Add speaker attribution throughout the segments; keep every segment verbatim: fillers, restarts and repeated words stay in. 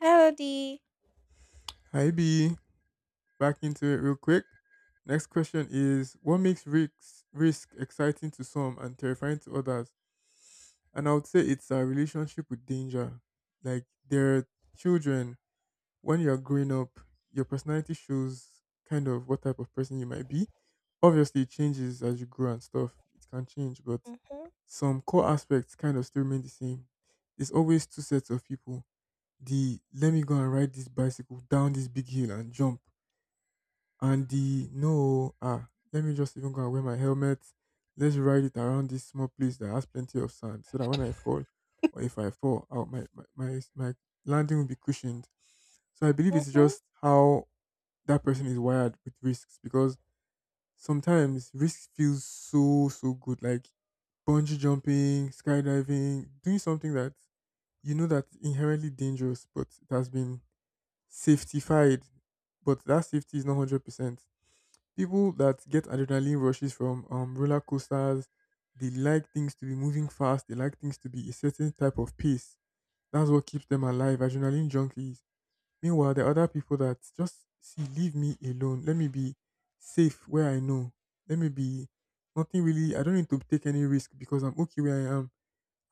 Speaker 1: Melody.
Speaker 2: Hi B, back into it real quick. Next question is what makes risks risk exciting to some and terrifying to others? And I would say it's a relationship with danger. Like there are children, when you're growing up, your personality shows kind of what type of person you might be. Obviously it changes as you grow and stuff. It can change, but
Speaker 1: Mhm,
Speaker 2: some core aspects kind of still remain the same. There's always two sets of people. The let me go and ride this bicycle down this big hill and jump, and the no, ah, let me just even go and wear my helmet. Let's ride it around this small place that has plenty of sand so that when I fall, or if I fall out, my, my, my, my landing will be cushioned. So I believe it's
Speaker 1: mhm.
Speaker 2: just how that person is wired with risks, because sometimes risk feels so, so good. Like bungee jumping, skydiving, doing something that you know that inherently dangerous, but it has been safetified. But that safety is not one hundred percent. People that get adrenaline rushes from um, roller coasters, they like things to be moving fast. They like things to be a certain type of pace. That's what keeps them alive. Adrenaline junkies. Meanwhile, there are other people that just see, leave me alone. Let me be safe where I know. Let me be nothing really. I don't need to take any risk because I'm okay where I am.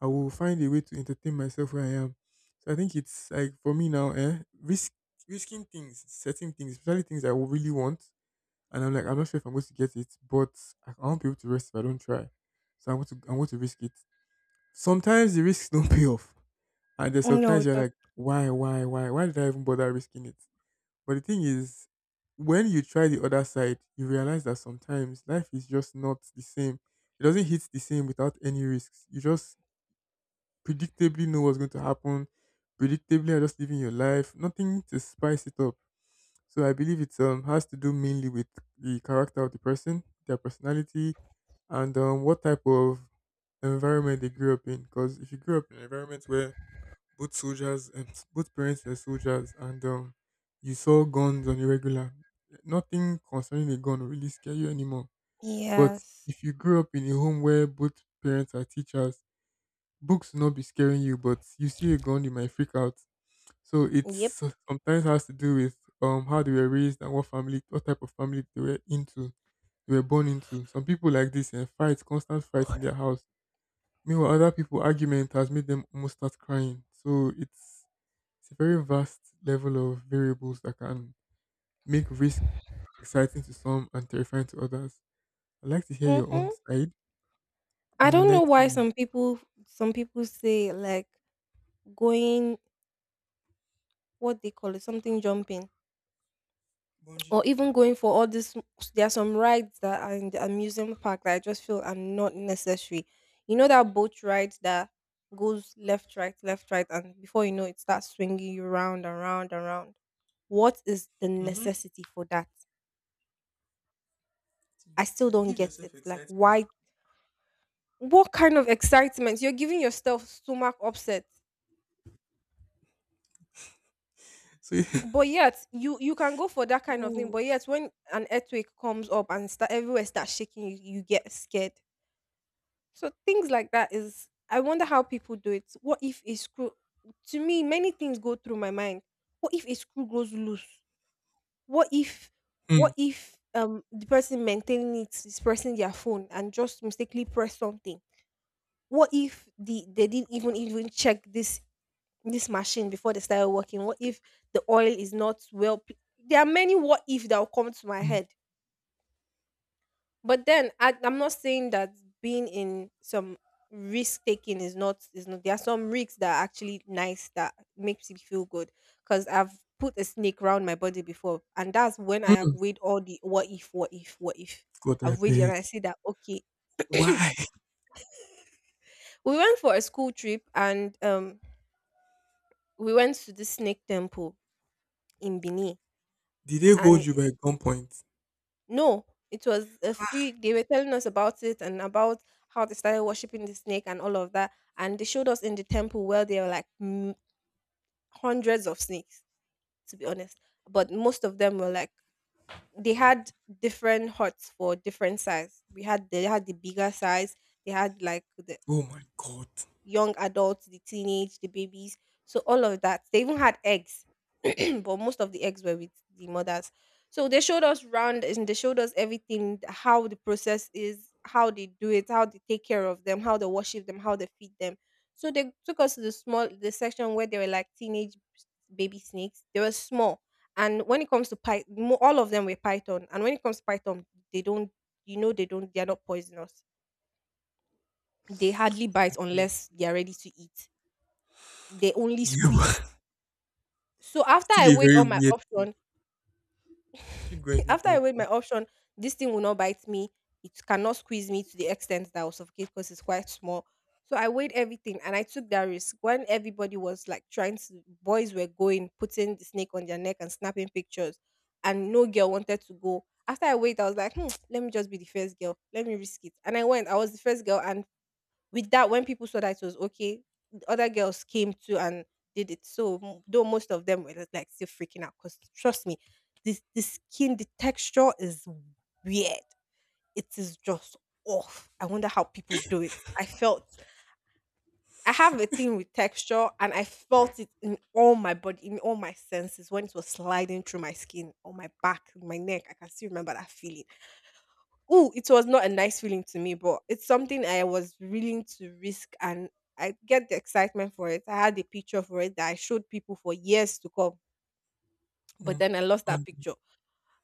Speaker 2: I will find a way to entertain myself where I am. So I think it's like for me now, eh, risk risking things, setting things, especially things I will really want, and I'm like, I'm not sure if I'm going to get it, but I I want people to rest if I don't try. So I'm going to I'm going to risk it. Sometimes the risks don't pay off. And there's sometimes
Speaker 1: No,
Speaker 2: you're
Speaker 1: that
Speaker 2: like, why, why, why? Why did I even bother risking it? But the thing is, when you try the other side, you realize that sometimes life is just not the same. It doesn't hit the same without any risks. You just predictably know what's going to happen. Predictably are just living your life. Nothing to spice it up. So I believe it um, has to do mainly with the character of the person, their personality, and um, what type of environment they grew up in. Because if you grew up in an environment where both soldiers and both parents were soldiers, and um, you saw guns on a regular, nothing concerning a gun will really scare you anymore. But
Speaker 1: yes.
Speaker 2: if you grew up in a home where both parents are teachers, books will not be scaring you. But you see a gun, you might freak out. So it's
Speaker 1: Yep.
Speaker 2: so, sometimes has to do with um how they were raised and what family, what type of family they were into, they were born into. Some people like this and fights, constant fights in their house. Meanwhile, other people argument has made them almost start crying. So it's it's a very vast level of variables that can make risk exciting to some and terrifying to others. I'd like to hear your own
Speaker 1: Mhm.
Speaker 2: side.
Speaker 1: I don't know
Speaker 2: Enlighten
Speaker 1: why
Speaker 2: me.
Speaker 1: some people some people say like going, what they call it, something jumping,
Speaker 2: Bungee
Speaker 1: or even
Speaker 2: jumping.
Speaker 1: going for all this. There are some rides that are in the amusement park that I just feel are not necessary. You know that boat ride that goes left, right, left, right, and before you know it starts swinging you round and round and round. What is the
Speaker 2: Mhm.
Speaker 1: necessity for that?
Speaker 2: To,
Speaker 1: I still
Speaker 2: to
Speaker 1: don't
Speaker 2: give
Speaker 1: get it.
Speaker 2: yourself
Speaker 1: Like,
Speaker 2: excitement.
Speaker 1: why? What kind of excitement you're giving yourself? Stomach upset,
Speaker 2: So
Speaker 1: but yet you you can go for that kind of thing,
Speaker 2: Oh,
Speaker 1: but yet when an earthquake comes up and start everywhere starts shaking you, you get scared. So things like that is, I wonder how people do it. What if a screw— to me many things go through my mind. What if a screw goes loose? What if—
Speaker 2: Mm,
Speaker 1: what if um the person maintaining it is pressing their phone and just mistakenly press something? What if the— they didn't even even check this this machine before they started working? What if the oil is not well? p- There are many what if that will come to my
Speaker 2: mm,
Speaker 1: head. But then I, I'm not saying that being in some risk taking is not is not. There are some risks that are actually nice that makes me feel good, because I've put a snake around my body before, and that's when I have
Speaker 2: mm.
Speaker 1: weighed all the what if, what if, what if.
Speaker 2: God, I
Speaker 1: I've weighed it and
Speaker 2: beg.
Speaker 1: I see that okay.
Speaker 2: Why?
Speaker 1: We went for a school trip and um we went to the snake temple in Benin,
Speaker 2: Did they hold
Speaker 1: and
Speaker 2: you by gunpoint?
Speaker 1: no, it was a free. They were telling us about it and about how they started worshiping the snake and all of that. And they showed us in the temple where there were like m- hundreds of snakes, to be honest. But most of them were like, they had different huts for different size. We had They had the bigger size. They had like the
Speaker 2: Oh my god.
Speaker 1: young adults, the teenage, the babies. So all of that. They even had eggs, but most of the eggs were with the mothers. So they showed us round and they showed us everything, how the process is, how they do it, how they take care of them, how they worship them, how they feed them. So they took us to the small— the section where they were like teenage baby snakes. They were small. And when it comes to python, all of them were python. And when it comes to python, they don't, you know, they don't, they are not poisonous. They hardly bite unless they are ready to eat. They only
Speaker 2: You you are
Speaker 1: squeeze. So after
Speaker 2: still
Speaker 1: I
Speaker 2: a
Speaker 1: weighed
Speaker 2: very
Speaker 1: all my
Speaker 2: weird.
Speaker 1: option,
Speaker 2: Keep going, keep
Speaker 1: after I
Speaker 2: going,
Speaker 1: weighed
Speaker 2: please.
Speaker 1: my option, this thing will not bite me. It cannot squeeze me to the extent that I will suffocate because it's quite small. So I weighed everything and I took that risk. When everybody was like trying to, boys were going, putting the snake on their neck and snapping pictures, and no girl wanted to go. After I weighed, I was like, hmm, let me just be the first girl. Let me risk it. And I went. I was the first girl, and with that, when people saw that it was okay, the other girls came too and did it. So m- though most of them were just, like, still freaking out, because trust me, this the skin, the texture is weird. It is just off. I wonder how people do it. I felt— I have a thing with texture and I felt it in all my body, in all my senses when it was sliding through my skin, on my back, my neck. I can still remember that feeling. Ooh, it was not a nice feeling to me, but it's something I was willing to risk, and I get the excitement for it. I had a picture for it that I showed people for years to come, but
Speaker 2: Mm.
Speaker 1: then I lost that
Speaker 2: Um,
Speaker 1: picture.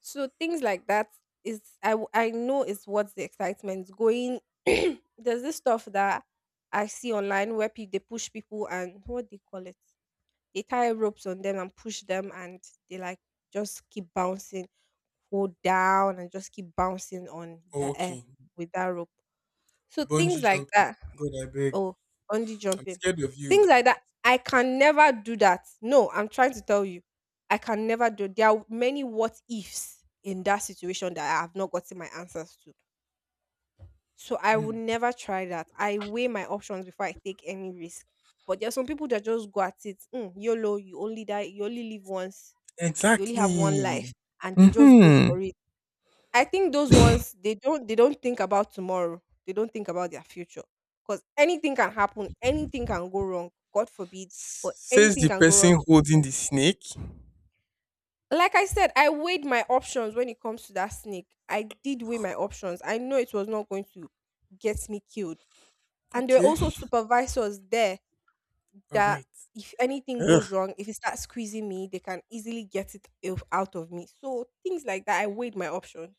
Speaker 1: So things like that is, I w- I know is what's the excitement going. There's this stuff that I see online where pe- they push people, and what they call it, they tie ropes on them and push them, and they like just keep bouncing, go down and just keep bouncing on
Speaker 2: oh,
Speaker 1: the air
Speaker 2: okay.
Speaker 1: with that rope. So things
Speaker 2: Bungee
Speaker 1: like
Speaker 2: jumping.
Speaker 1: that.
Speaker 2: God, I beg.
Speaker 1: Oh, bungee
Speaker 2: I'm
Speaker 1: jumping.
Speaker 2: scared of you.
Speaker 1: Things like that. I can never do that. No, I'm trying to tell you. I can never do— there are many what ifs in that situation that I have not gotten my answers to. So I would
Speaker 2: Mm.
Speaker 1: never try that. I weigh my options before I take any risk. But there are some people that just go at it. Mm, YOLO, you only die, you only live once, you only have one
Speaker 2: Exactly.
Speaker 1: life, and they just go
Speaker 2: Mm-hmm.
Speaker 1: for it. I think those ones, they don't they don't think about tomorrow. They don't think about their future, because anything can happen. Anything can go wrong. God forbid, but
Speaker 2: Says
Speaker 1: anything
Speaker 2: the
Speaker 1: can go wrong.
Speaker 2: person holding the snake.
Speaker 1: Like I said, I weighed my options when it comes to that snake. I did weigh my options. I know it was not going to get me killed. And there were
Speaker 2: Okay.
Speaker 1: also supervisors there
Speaker 2: All
Speaker 1: that
Speaker 2: right.
Speaker 1: if anything
Speaker 2: Ugh.
Speaker 1: goes wrong, if it starts squeezing me, they can easily get it out out of me. So things like that, I weighed my options.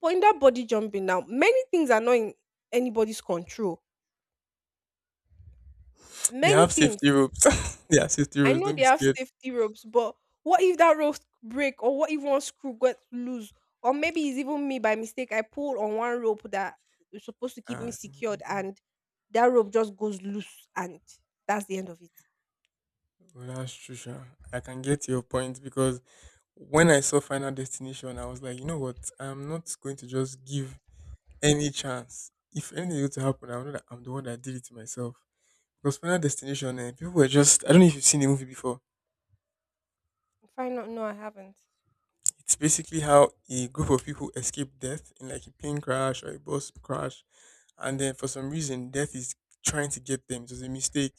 Speaker 1: But in that body jumping now, many things are not in anybody's control.
Speaker 2: They
Speaker 1: Many
Speaker 2: have safety
Speaker 1: things.
Speaker 2: ropes. They have safety
Speaker 1: I
Speaker 2: ropes.
Speaker 1: know
Speaker 2: Don't be
Speaker 1: they have
Speaker 2: scared.
Speaker 1: safety ropes, but what if that rope break, or what if one screw gets loose? Or maybe it's even me, by mistake I pull on one rope that is supposed to keep me
Speaker 2: Ah,
Speaker 1: secured, and that rope just goes loose, and that's the end of it.
Speaker 2: well, that's true, sha. I can get your point because when I saw Final Destination, I was like, you know what? I'm not going to just give any chance. If anything were to happen, I know that I'm the one that did it to myself. Because Final Destination, eh, people were just, I don't know if you've seen the movie before.
Speaker 1: If I not— no, I haven't.
Speaker 2: It's basically how a group of people escape death in like a plane crash or a bus crash. And then for some reason, death is trying to get them. It was a mistake.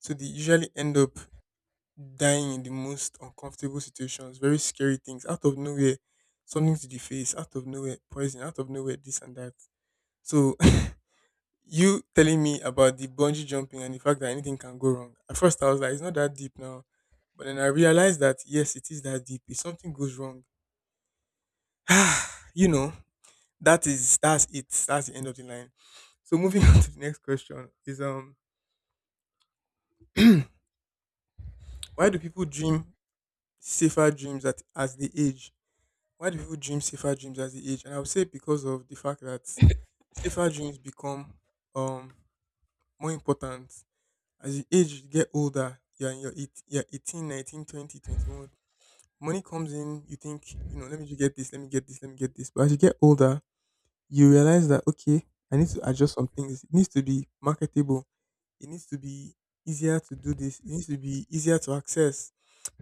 Speaker 2: So they usually end up dying in the most uncomfortable situations, very scary things, out of nowhere, something to the face, out of nowhere, poison, out of nowhere, this and that. So you telling me about the bungee jumping and the fact that anything can go wrong. At first I was like, it's not that deep now. But then I realized that yes, it is that deep. If something goes wrong, you know, that is that's it. That's the end of the line. So moving on to the next question is um why do people dream safer dreams at as they age? Why do people dream safer dreams as they age? And I would say because of the fact that safer dreams become um more important as you age, you get older. You're in your eight, you're eighteen, nineteen, twenty, twenty-one. Money comes in, you think, you know, let me just get this, let me get this, let me get this. But as you get older, you realize that okay, I need to adjust some things. It needs to be marketable. It needs to be easier to do this. It needs to be easier to access.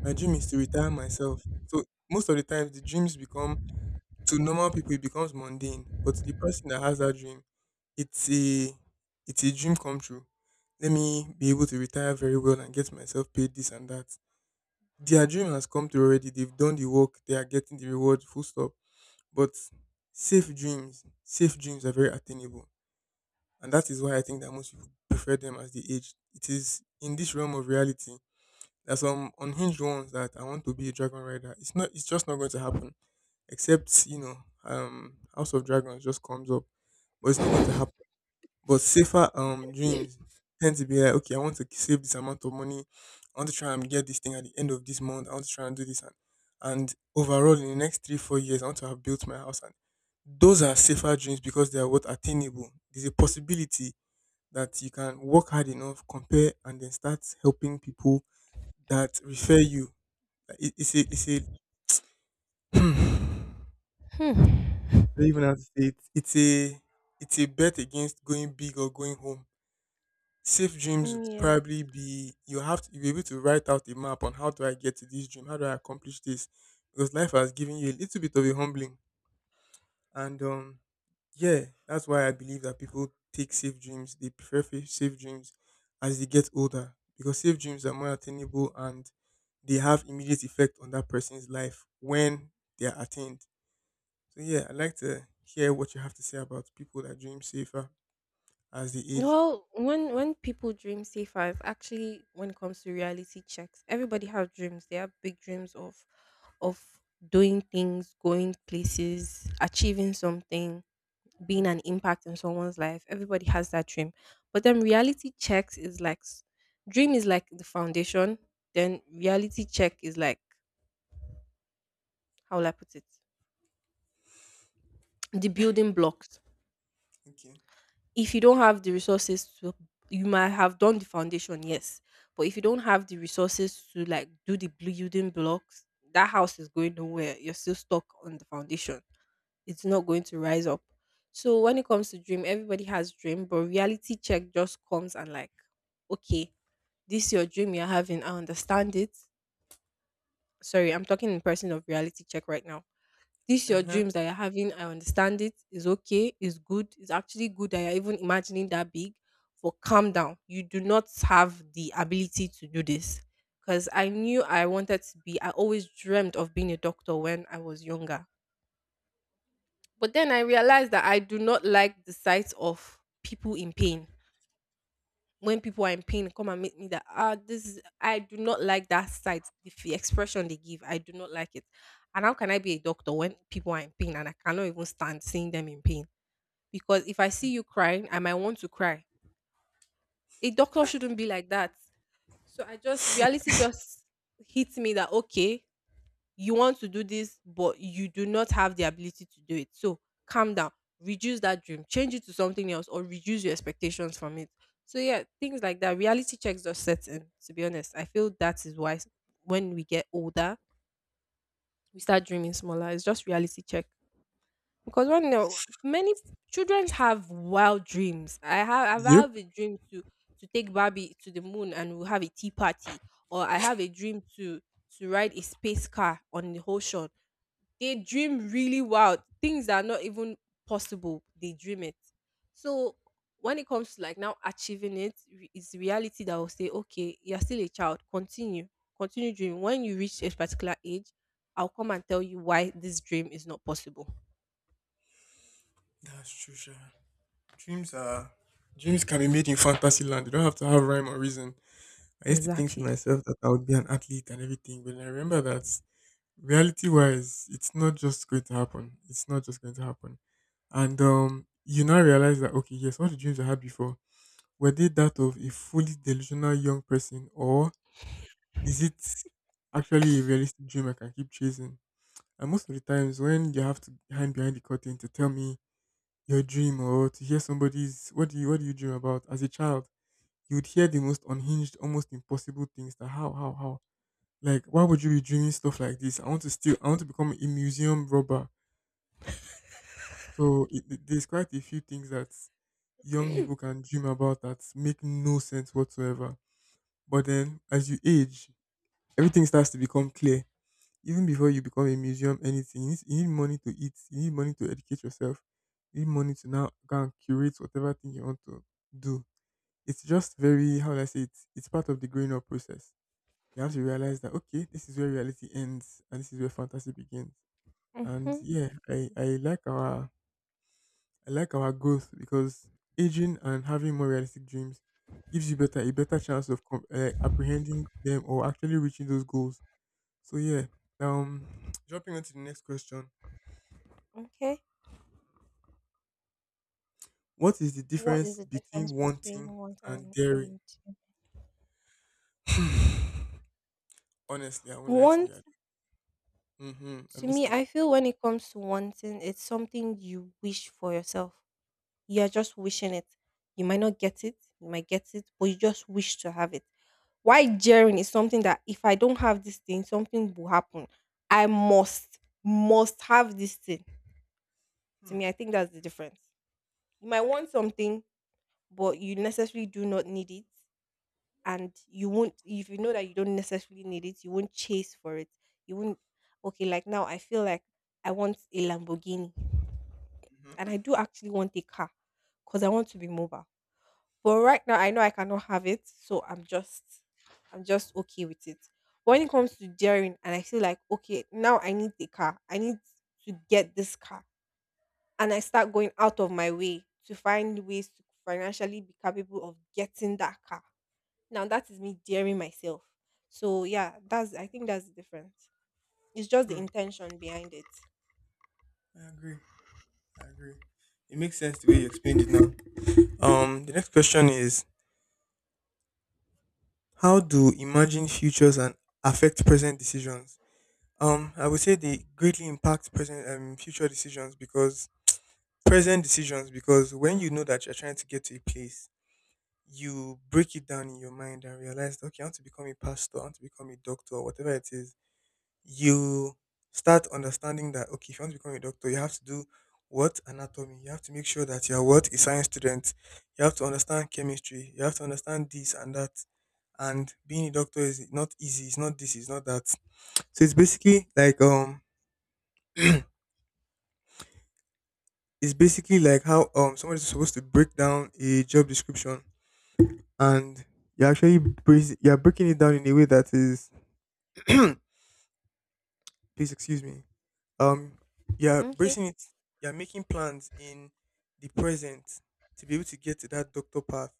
Speaker 2: My dream is to retire myself. So most of the times, the dreams become, to normal people it becomes mundane, but to the person that has that dream, it's a it's a dream come true. Let me be able to retire very well and get myself paid this and that. Their dream has come true already. They've done the work. They are getting the reward. Full stop. But safe dreams, safe dreams are very attainable, and that is why I think that most people prefer them as they age. It is in this realm of reality. There's some unhinged ones that I want to be a dragon rider. It's not. It's just not going to happen, except you know um House of Dragons just comes up, but it's not going to happen. But safer um dreams tend to be like, okay, I want to save this amount of money, I want to try and get this thing at the end of this month, I want to try and do this, and and overall in the next three four years, I want to have built my house. And those are safer dreams because they are what attainable. There's a possibility that you can work hard enough, compare, and then start helping people that refer you. Like, It, it's a it's a
Speaker 1: Hmm.
Speaker 2: don't even know to say it. It's a it's a bet against going big or going home. Safe dreams would
Speaker 1: Mm, yeah.
Speaker 2: probably be you have to be able to write out a map on how do I get to this dream, how do I accomplish this, because life has given you a little bit of a humbling, and um yeah, that's why I believe that people take safe dreams. They prefer fa- safe dreams as they get older because safe dreams are more attainable and they have immediate effect on that person's life when they are attained. So yeah, I'd like to hear what you have to say about people that dream safer as they age.
Speaker 1: Well, when when people dream safer, it's actually when it comes to reality checks, everybody have dreams. They have big dreams of of doing things, going places, achieving something, being
Speaker 2: Hmm.
Speaker 1: an impact in someone's life. Everybody has that dream. But then reality checks is like s- dream is like the foundation, then reality check is like, how will I put it? The building blocks.
Speaker 2: Okay.
Speaker 1: If you don't have the resources to— you might have done the foundation, yes. But if you don't have the resources to like do the building blocks, that house is going nowhere. You're still stuck on the foundation. It's not going to rise up. So when it comes to dream, everybody has dream, but reality check just comes and like, okay, this your dream you're having, I understand it. Sorry, I'm talking in person of reality check right now. This your
Speaker 2: Uh-huh.
Speaker 1: dreams that you're having, I understand it. It's okay. It's good. It's actually good that you're even imagining that big. But calm down. You do not have the ability to do this. Because I knew I wanted to be— I always dreamt of being a doctor when I was younger. But then I realized that I do not like the sight of people in pain. When people are in pain, come and meet me that, ah, this is— I do not like that sight. The f- expression they give, I do not like it. And how can I be a doctor when people are in pain and I cannot even stand seeing them in pain? Because if I see you crying, I might want to cry. A doctor shouldn't be like that. So I just— reality just hits me that, okay, you want to do this but you do not have the ability to do it, so calm down, reduce that dream, change it to something else, or reduce your expectations from it. So yeah, things like that, reality checks just set in. To be honest, I feel that is why s- when we get older, we start dreaming smaller. It's just reality check. Because when no, many children have wild dreams. i have I
Speaker 2: Yep.
Speaker 1: have a dream to— to take Barbie to the moon and we'll have a tea party, or I have a dream to— to ride a space car on the ocean. They dream really wild. Things that are not even possible, they dream it. So when it comes to like now achieving it, re- it's reality that will say, okay, you're still a child. Continue. Continue dreaming. When you reach a particular age, I'll come and tell you why this dream is not possible.
Speaker 2: That's true, sure. Dreams are dreams can be made in fantasy land. They don't have to have rhyme or reason. I used to think to
Speaker 1: Exactly.
Speaker 2: myself that I would be an athlete and everything, but then I remember that reality wise, it's not just going to happen. It's not just going to happen. And um you now realize that okay, yes, all the dreams I had before, were they that of a fully delusional young person, or is it actually a realistic dream I can keep chasing? And most of the times when you have to hide behind the curtain to tell me your dream or to hear somebody's, what do you what do you dream about as a child, you would hear the most unhinged, almost impossible things that how, how, how. Like why would you be dreaming stuff like this? I want to steal I want to become a museum robber. So it, it- there's quite a few things that young people can dream about that make no sense whatsoever. But then as you age, everything starts to become clear even before you become a museum anything. You need, you need money to eat. You need money to educate yourself. You need money to now go and curate whatever thing you want to do. It's just, very, how do I say it? It's part of the growing up process. You have to realize that, okay, this is where reality ends and this is where fantasy begins. And
Speaker 1: Mm-hmm.
Speaker 2: yeah, i i like our i like our growth because aging and having more realistic dreams gives you better a better chance of com- uh, apprehending them or actually reaching those goals. So yeah. um Jumping on to the next question.
Speaker 1: Okay.
Speaker 2: What is the
Speaker 1: What is
Speaker 2: difference
Speaker 1: the
Speaker 2: between
Speaker 1: difference between
Speaker 2: wanting
Speaker 1: want
Speaker 2: and
Speaker 1: and
Speaker 2: daring?
Speaker 1: and to?
Speaker 2: Honestly, I won't lie to you.
Speaker 1: Want?
Speaker 2: Mm-hmm. I'm
Speaker 1: To me,
Speaker 2: listening.
Speaker 1: I feel when it comes to wanting, it's something you wish for yourself. You're just wishing it. You might not get it, you might get it, but you just wish to have it. Why jeering is something that if I don't have this thing, something will happen. I must, must have this thing. To
Speaker 2: Mm-hmm.
Speaker 1: me, I think that's the difference. You might want something, but you necessarily do not need it. And you won't, if you know that you don't necessarily need it, you won't chase for it. You won't, okay, like now I feel like I want a Lamborghini. And I do actually want a car because I want to be mobile. But right now I know I cannot have it, so I'm just I'm just okay with it. But when it comes to daring and I feel like okay, now I need the car. I need to get this car. And I start going out of my way to find ways to financially be capable of getting that car. Now that is me daring myself. So yeah, that's I think that's the difference. It's just the
Speaker 2: hmm
Speaker 1: intention behind it.
Speaker 2: I agree. I agree. It makes sense the way you explained it now. Um, the next question is, how do imagined futures and affect present decisions? Um, I would say they greatly impact present um future decisions because present decisions because when you know that you're trying to get to a place, you break it down in your mind and realize, okay, I want to become a pastor, I want to become a doctor, or whatever it is, you start understanding that, okay, if you want to become a doctor, you have to do what? Anatomy. You have to make sure that you're what? A science student. You have to understand chemistry. You have to understand this and that. And being a doctor is not easy. It's not this, it's not that. So it's basically like, um, it's basically like how um somebody's supposed to break down a job description, and you're actually break- you're breaking it down in a way that is please excuse me. Um, you're
Speaker 1: Okay.
Speaker 2: bracing it. You're making plans in the present to be able to get to that doctor path.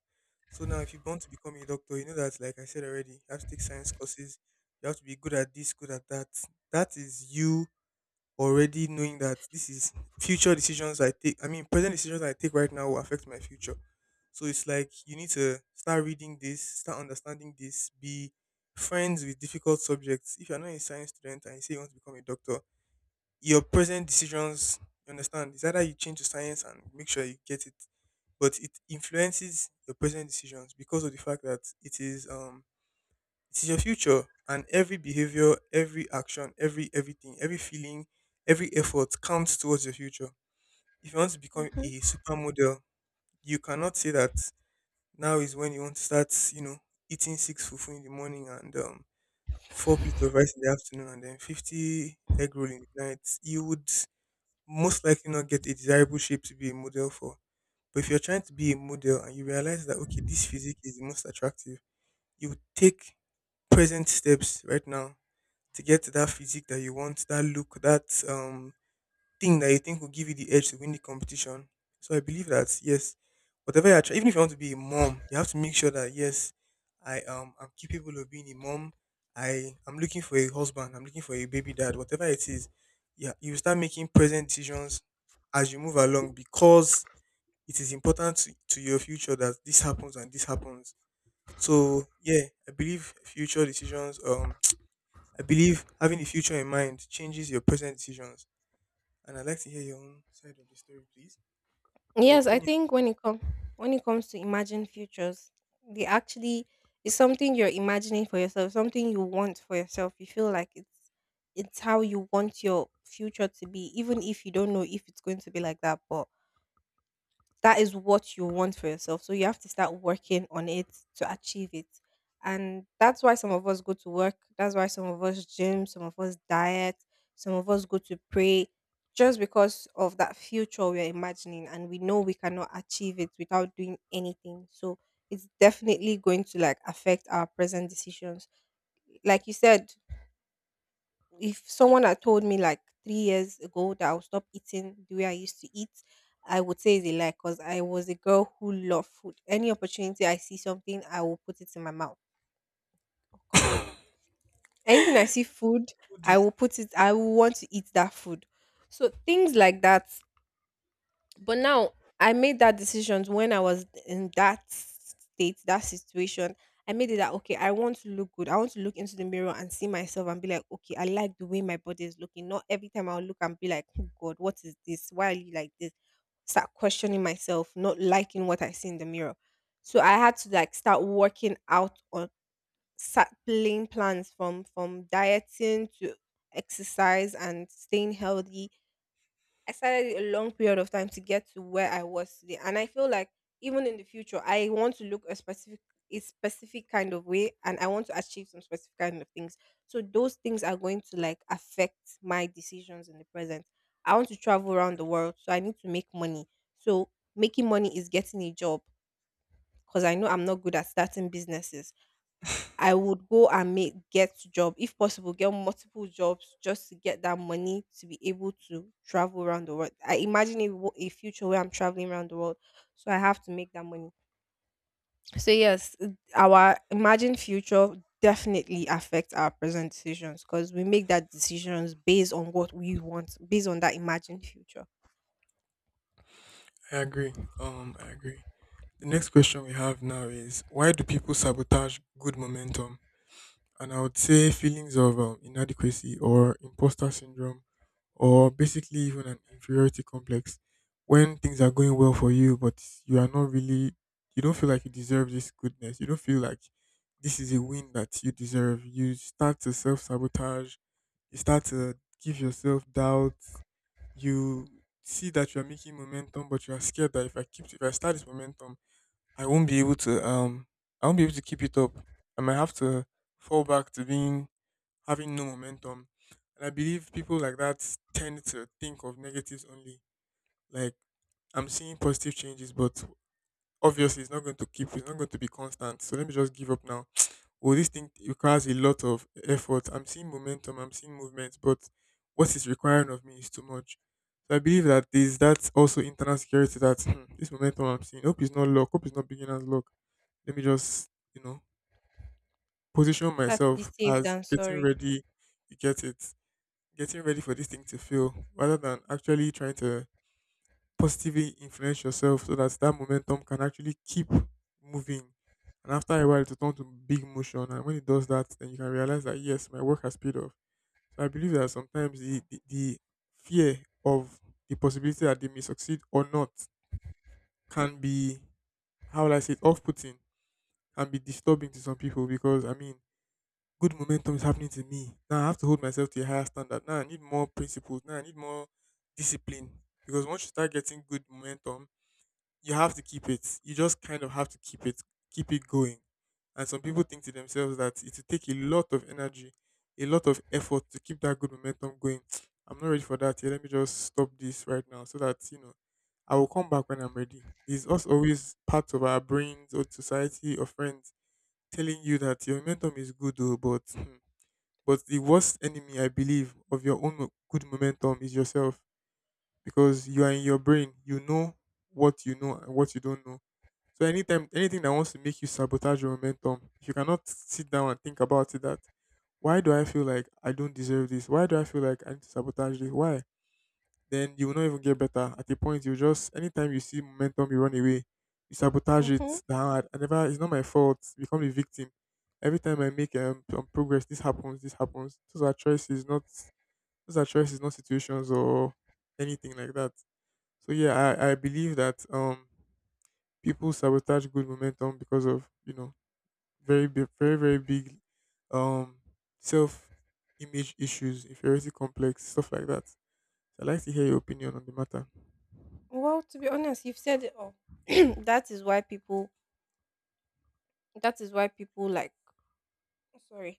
Speaker 2: So now, if you want to become a doctor, you know that, like I said already, you have to take science courses. You have to be good at this, good at that. That is you already knowing that this is future decisions I take. I mean, present decisions I take right now will affect my future. So it's like you need to start reading this, start understanding this, be friends with difficult subjects. If you're not a science student and you say you want to become a doctor, your present decisions, you understand, is either you change to science and make sure you get it, but it influences your present decisions because of the fact that it is um it is your future, and every behavior, every action, every everything, every feeling, every effort counts towards your future. If you want to become
Speaker 1: Mhm.
Speaker 2: a supermodel, you cannot say that now is when you want to start, you know, eating six fufu in the morning and um, four plates of rice in the afternoon and then fifty egg roll in the night. You would most likely not get a desirable shape to be a model for. But if you're trying to be a model and you realize that, okay, this physique is the most attractive, you would take present steps right now to get to that physique that you want, that look, that um thing that you think will give you the edge to win the competition. So I believe that yes, whatever you're trying, even if you want to be a mom, you have to make sure that, yes, I um I'm capable of being a mom. I I'm looking for a husband. I'm looking for a baby dad. Whatever it is, yeah, you start making present decisions as you move along because it is important to, to your future that this happens and this happens. So yeah, I believe future decisions um I believe having the future in mind changes your present decisions. And I'd like to hear your own side of the story, please. Your
Speaker 1: Yes, I
Speaker 2: opinion.
Speaker 1: think when it comes when it comes to imagine futures, they actually it's something you're imagining for yourself, something you want for yourself. You feel like it's it's how you want your future to be, even if you don't know if it's going to be like that. But that is what you want for yourself. So you have to start working on it to achieve it. And that's why some of us go to work. That's why some of us gym, some of us diet, some of us go to pray just because of that future we're imagining and we know we cannot achieve it without doing anything. So it's definitely going to like affect our present decisions. Like you said, if someone had told me like three years ago that I'll stop eating the way I used to eat, I would say it's a lie because I was a girl who loved food. Any opportunity I see something, I will put it in my mouth. Anything I see food,
Speaker 2: Who do you-
Speaker 1: I will put it, I will want to eat that food. So things like that. But now I made that decision when I was in that state, that situation. I made it that okay, I want to look good. I want to look into the mirror and see myself and be like, okay, I like the way my body is looking. Not every time I'll look and be like, oh God, what is this? Why are you like this? Start questioning myself, not liking what I see in the mirror. So I had to like start working out on start playing plans from from dieting to exercise and staying healthy. I started a long period of time to get to where I was today. And I feel like even in the future, I want to look a specific a specific kind of way and I want to achieve some specific kind of things. So those things are going to like affect my decisions in the present. I want to travel around the world, so I need to make money. So making money is getting a job because I know I'm not good at starting businesses. I would go and make get job if possible, get multiple jobs just to get that money to be able to travel around the world. I imagine a, wo- a future where I'm traveling around the world, so I have to make that money. So yes, uh, our imagined future definitely affects our present decisions because we make that decisions based on what we want, based on that imagined future.
Speaker 2: I agree. Um, I agree. The next question we have now is, why do people sabotage good momentum? And I would say feelings of um, inadequacy or imposter syndrome, or basically even an inferiority complex, when things are going well for you, but you are not really, you don't feel like you deserve this goodness. You don't feel like this is a win that you deserve. You start to self sabotage, you start to give yourself doubts. You see that you are making momentum, but you are scared that if I keep, if I start this momentum, I won't be able to um I won't be able to keep it up. I might have to fall back to being having no momentum. And I believe people like that tend to think of negatives only. Like, I'm seeing positive changes, but obviously it's not going to keep it's not going to be constant. So let me just give up now. Well, this thing requires a lot of effort. I'm seeing momentum, I'm seeing movement, but what is requiring of me is too much. So I believe that there's that's also internal security that, hmm, this momentum I'm seeing. Hope it's not luck, hope it's not beginner's luck, let me just, you know, position
Speaker 1: Better to be
Speaker 2: myself
Speaker 1: safe
Speaker 2: as
Speaker 1: than
Speaker 2: getting
Speaker 1: sorry.
Speaker 2: ready, you get it, getting ready for this thing to fail, rather than actually trying to positively influence yourself so that that momentum can actually keep moving. And after a while, it will turn to big motion. And when it does that, then you can realize that, yes, my work has paid off. So I believe that sometimes the, the, the fear of the possibility that they may succeed or not can be, how will I say it, off putting, can be disturbing to some people because, I mean, good momentum is happening to me. Now I have to hold myself to a higher standard. Now I need more principles. Now I need more discipline. Because once you start getting good momentum, you have to keep it. You just kind of have to keep it, keep it going. And some people think to themselves that it will take a lot of energy, a lot of effort to keep that good momentum going. I'm not ready for that here. Let me just stop this right now so that, you know, I will come back when I'm ready. There's us always part of our brains or society or friends telling you that your momentum is good though, but hmm, but the worst enemy, I believe, of your own mo- good momentum is yourself, because you are in your brain. You know what you know and what you don't know. So anytime anything that wants to make you sabotage your momentum, if you cannot sit down and think about it that why do I feel like I don't deserve this? Why do I feel like I need to sabotage this? Why? Then you will not even get better. At a point, you just anytime you see momentum, you run away, you sabotage
Speaker 1: Mm-hmm.
Speaker 2: it. Nah, I never. It's not my fault. You become the victim. Every time I make um, some progress, this happens. This happens. Those are choices, not those are choices, not situations or anything like that. So yeah, I, I believe that um people sabotage good momentum because of, you know, very big, very very big um self image issues, inferiority complex, stuff like that. So I'd like to hear your opinion on the matter.
Speaker 1: Well, to be honest, you've said it all. That is why people. That is why people like. Sorry.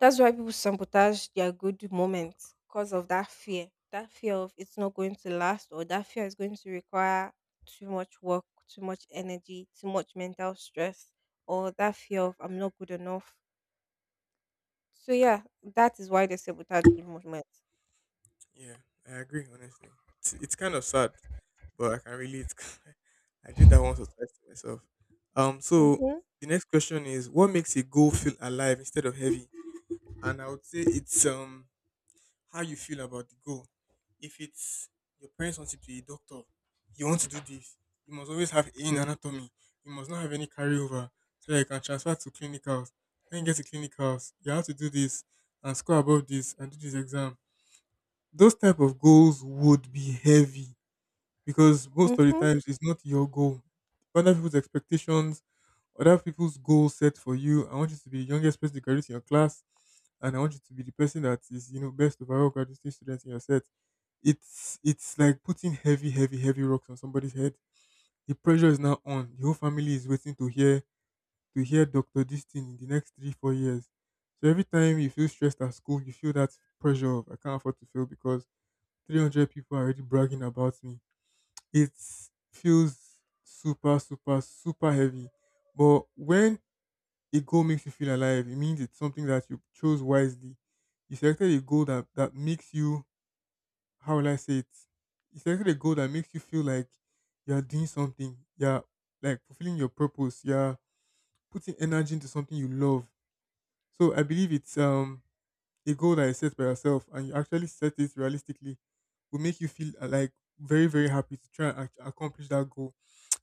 Speaker 1: That's why people sabotage their good moments because of that fear. That fear of it's not going to last, or that fear is going to require too much work, too much energy, too much mental stress, or that fear of I'm not good enough. So yeah, that is why they sabotage good moments.
Speaker 2: Yeah, I agree. Honestly, it's, it's kind of sad, but I can relate. I did that once or twice to myself. Um, so
Speaker 1: Mhm.
Speaker 2: the next question is, what makes a goal feel alive instead of heavy? And I would say it's um how you feel about the goal. If it's your parents want you to be a doctor, you want to do this. You must always have A in anatomy. You must not have any carryover so that you can transfer to clinicals. When you get to clinicals, you have to do this and score above this and do this exam, those type of goals would be heavy because most of the
Speaker 1: Mhm.
Speaker 2: times it's not your goal. Other people's expectations, other people's goals set for you. I want you to be the youngest person to graduate in your class, and I want you to be the person that is, you know, best overall graduating student in your set. It's it's like putting heavy, heavy, heavy rocks on somebody's head. The pressure is now on. The whole family is waiting to hear to hear Doctor this thing in the next three, four years. So every time you feel stressed at school, you feel that pressure of I can't afford to fail because three hundred people are already bragging about me. It feels super, super, super heavy. But when a goal makes you feel alive, it means it's something that you chose wisely. You selected a goal that, that makes you, how will I say it? You selected a goal that makes you feel like you're doing something, you're like fulfilling your purpose, you're putting energy into something you love. So I believe it's um a goal that is set by yourself and you actually set it realistically will make you feel uh, like very very happy to try and act- accomplish that goal.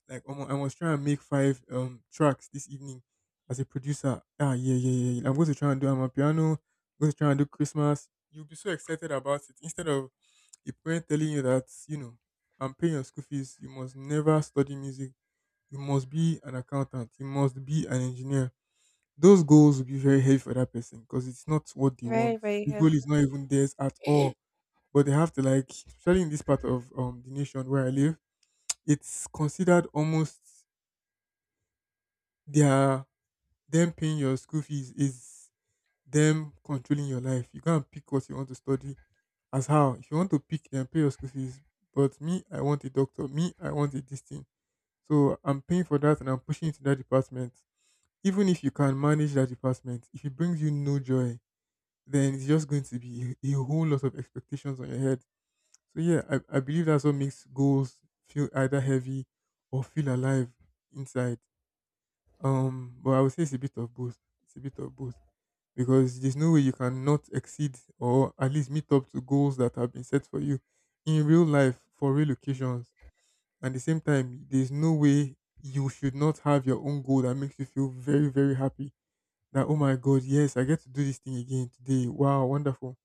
Speaker 2: Like um, I was trying to make five um tracks this evening as a producer, ah, yeah, yeah, yeah, yeah. I'm going to try and do I'm piano, I'm going to try and do Christmas. You'll be so excited about it instead of a parent telling you that, you know, I'm paying your school fees, you must never study music, you must be an accountant, you must be an engineer. Those goals will be very heavy for that person because it's not what they
Speaker 1: Very,
Speaker 2: want.
Speaker 1: very
Speaker 2: The
Speaker 1: heavy.
Speaker 2: goal is not even theirs at all. But they have to like, especially in this part of um the nation where I live, it's considered almost their them paying your school fees is them controlling your life. You can't pick what you want to study. As how if you want to pick and pay your school fees, but me, I want a doctor. Me, I want a this thing. So I'm paying for that and I'm pushing into that department. Even if you can manage that department, if it brings you no joy, then it's just going to be a whole lot of expectations on your head. So yeah, I, I believe that's what makes goals feel either heavy or feel alive inside. Um, but I would say it's a bit of both. It's a bit of both because there's no way you cannot exceed or at least meet up to goals that have been set for you in real life for real occasions. At the same time, there's no way you should not have your own goal that makes you feel very, very happy. That, oh my god, yes, I get to do this thing again today. Wow, wonderful.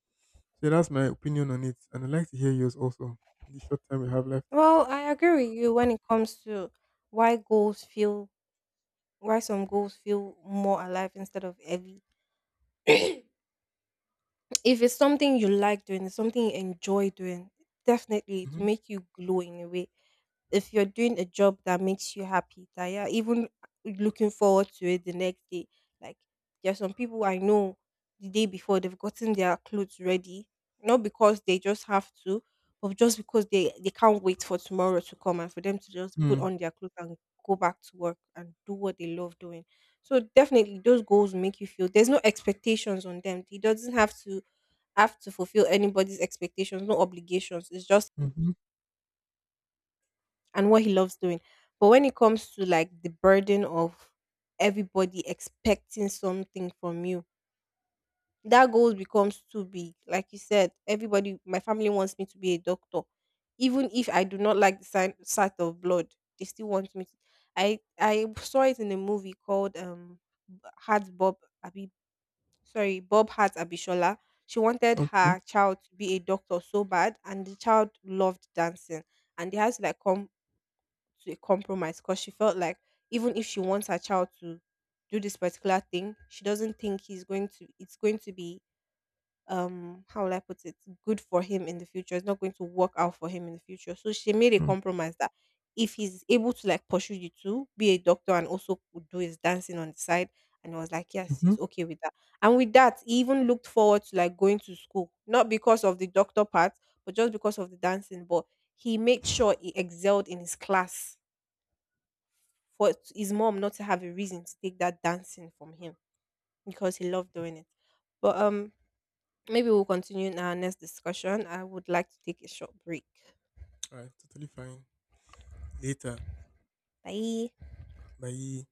Speaker 2: So that's my opinion on it, and I'd like to hear yours also in the short time we have left.
Speaker 1: Well, I agree with you when it comes to why goals feel why some goals feel more alive instead of heavy. If it's something you like doing, it's something you enjoy doing, definitely to
Speaker 2: Mhm.
Speaker 1: make you glow in a way. If you're doing a job that makes you happy, that you're even looking forward to it the next day. Like there are some people I know the day before they've gotten their clothes ready, not because they just have to, but just because they they can't wait for tomorrow to come and for them to just put
Speaker 2: Mm.
Speaker 1: on their clothes and go back to work and do what they love doing. So definitely those goals make you feel there's no expectations on them. It doesn't have to have to fulfill anybody's expectations, no obligations. It's just
Speaker 2: Mhm.
Speaker 1: and what he loves doing. But when it comes to like the burden of everybody expecting something from you, that goal becomes too big. Like you said, everybody, my family wants me to be a doctor, even if I do not like the sign, sight of blood. They still want me. To, I I saw it in a movie called um, Heart Bob. Sorry, Bob Hart Abishola. She wanted
Speaker 2: Okay.
Speaker 1: her child to be a doctor so bad, and the child loved dancing. And they had to like come to a compromise because she felt like even if she wants her child to do this particular thing, she doesn't think he's going to. It's going to be um how will I put it good for him in the future. It's not going to work out for him in the future. So she made a
Speaker 2: Mm.
Speaker 1: compromise that if he's able to like pursue you to be a doctor and also could do his dancing on the side, and he was like yes
Speaker 2: Mhm.
Speaker 1: he's okay with that, and with that he even looked forward to like going to school not because of the doctor part but just because of the dancing, but he made sure he excelled in his class for his mom not to have a reason to take that dancing from him because he loved doing it, but um maybe we'll continue in our next discussion. I would like to take a short break.
Speaker 2: All right. Totally fine. Later.
Speaker 1: Bye.
Speaker 2: Bye.